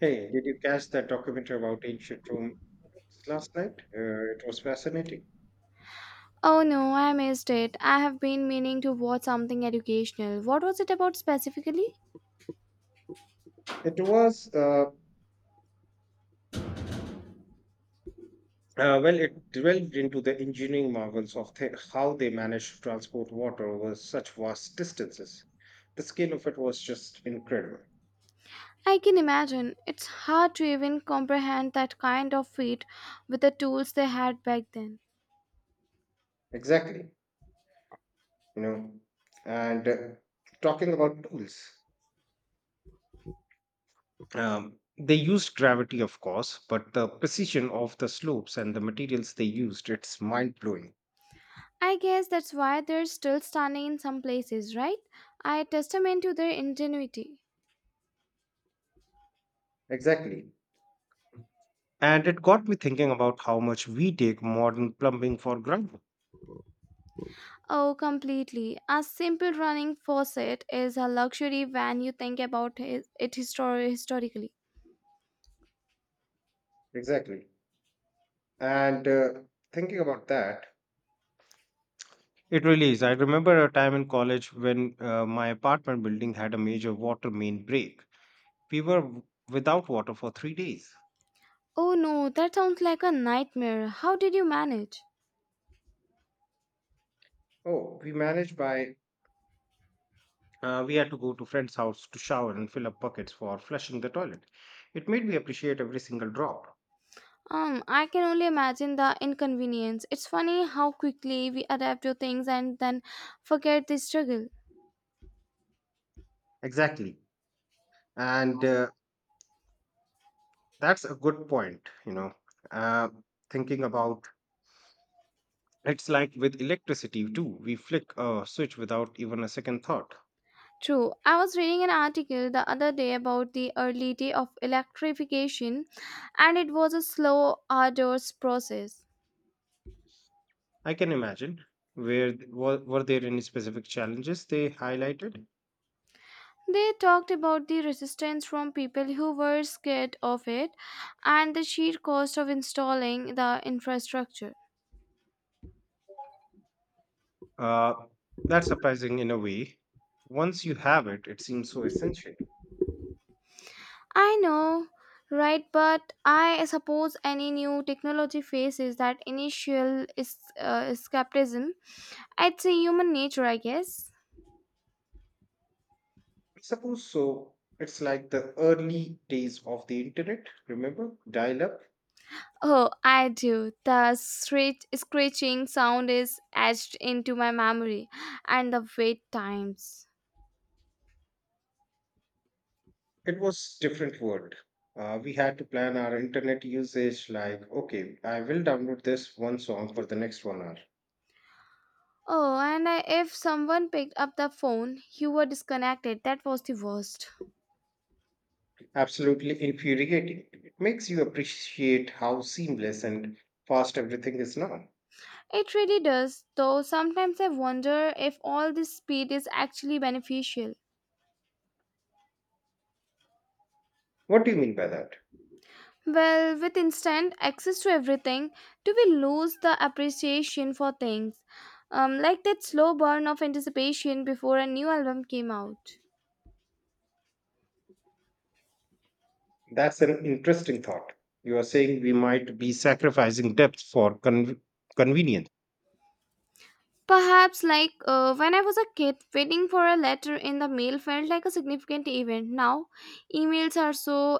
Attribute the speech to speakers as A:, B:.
A: Hey, did you catch that documentary about ancient Rome last night? It was fascinating.
B: Oh no, I missed it. I have been meaning to watch something educational. What was it about specifically?
A: It was, uh, it delved into the engineering marvels of how they managed to transport water over such vast distances. The scale of it was just incredible.
B: I can imagine. It's hard to even comprehend that kind of feat with the tools they had back then.
A: Exactly, you know. And talking about tools, they used gravity, of course, but the precision of the slopes and the materials they used, it's mind blowing.
B: I guess that's why they're still stunning in some places, right? I testament to their ingenuity.
A: Exactly. And it got me thinking about how much we take modern plumbing for granted.
B: Oh, completely. A simple running faucet is a luxury when you think about it historically.
A: Exactly. And thinking about that, It really is. I remember a time in college when my apartment building had a major water main break. We were without water for 3 days.
B: Oh no, that sounds like a nightmare. How did you manage?
A: Oh, we managed by we had to go to friend's house to shower and fill up buckets for flushing the toilet. It made me appreciate every single drop.
B: I can only imagine the inconvenience. It's funny how quickly we adapt to things and then forget the struggle.
A: Exactly. And that's a good point, you know. Uh, thinking about it's like with electricity too. We flick a switch without even a second thought.
B: True. I was reading an article the other day about the early day of electrification, and it was a slow, arduous process.
A: I can imagine. Were there any specific challenges they highlighted?
B: They talked about the resistance from people who were scared of it and the sheer cost of installing the infrastructure.
A: Uh, that's surprising in a way. Once you have it, it seems so essential.
B: I know, right? But I suppose any new technology faces that initial is, skepticism. It's a human nature, I guess.
A: I suppose so. It's like the early days of the internet. Remember, dial up?
B: Oh, I do. The screeching sound is etched into my memory, and the wait times.
A: It was different world. We had to plan our internet usage like, okay, I will download this one song for the next 1 hour.
B: Oh, and I, if someone picked up the phone, you were disconnected. That was the worst.
A: Absolutely infuriating. It makes you appreciate how seamless and fast everything is now.
B: It really does, though sometimes I wonder if all this speed is actually beneficial.
A: What do you mean by that?
B: Well, with instant access to everything, do we lose the appreciation for things? Like that slow burn of anticipation before a new album came out.
A: That's an interesting thought. You are saying we might be sacrificing depth for convenience.
B: Perhaps, like when I was a kid, waiting for a letter in the mail felt like a significant event. Now, emails are so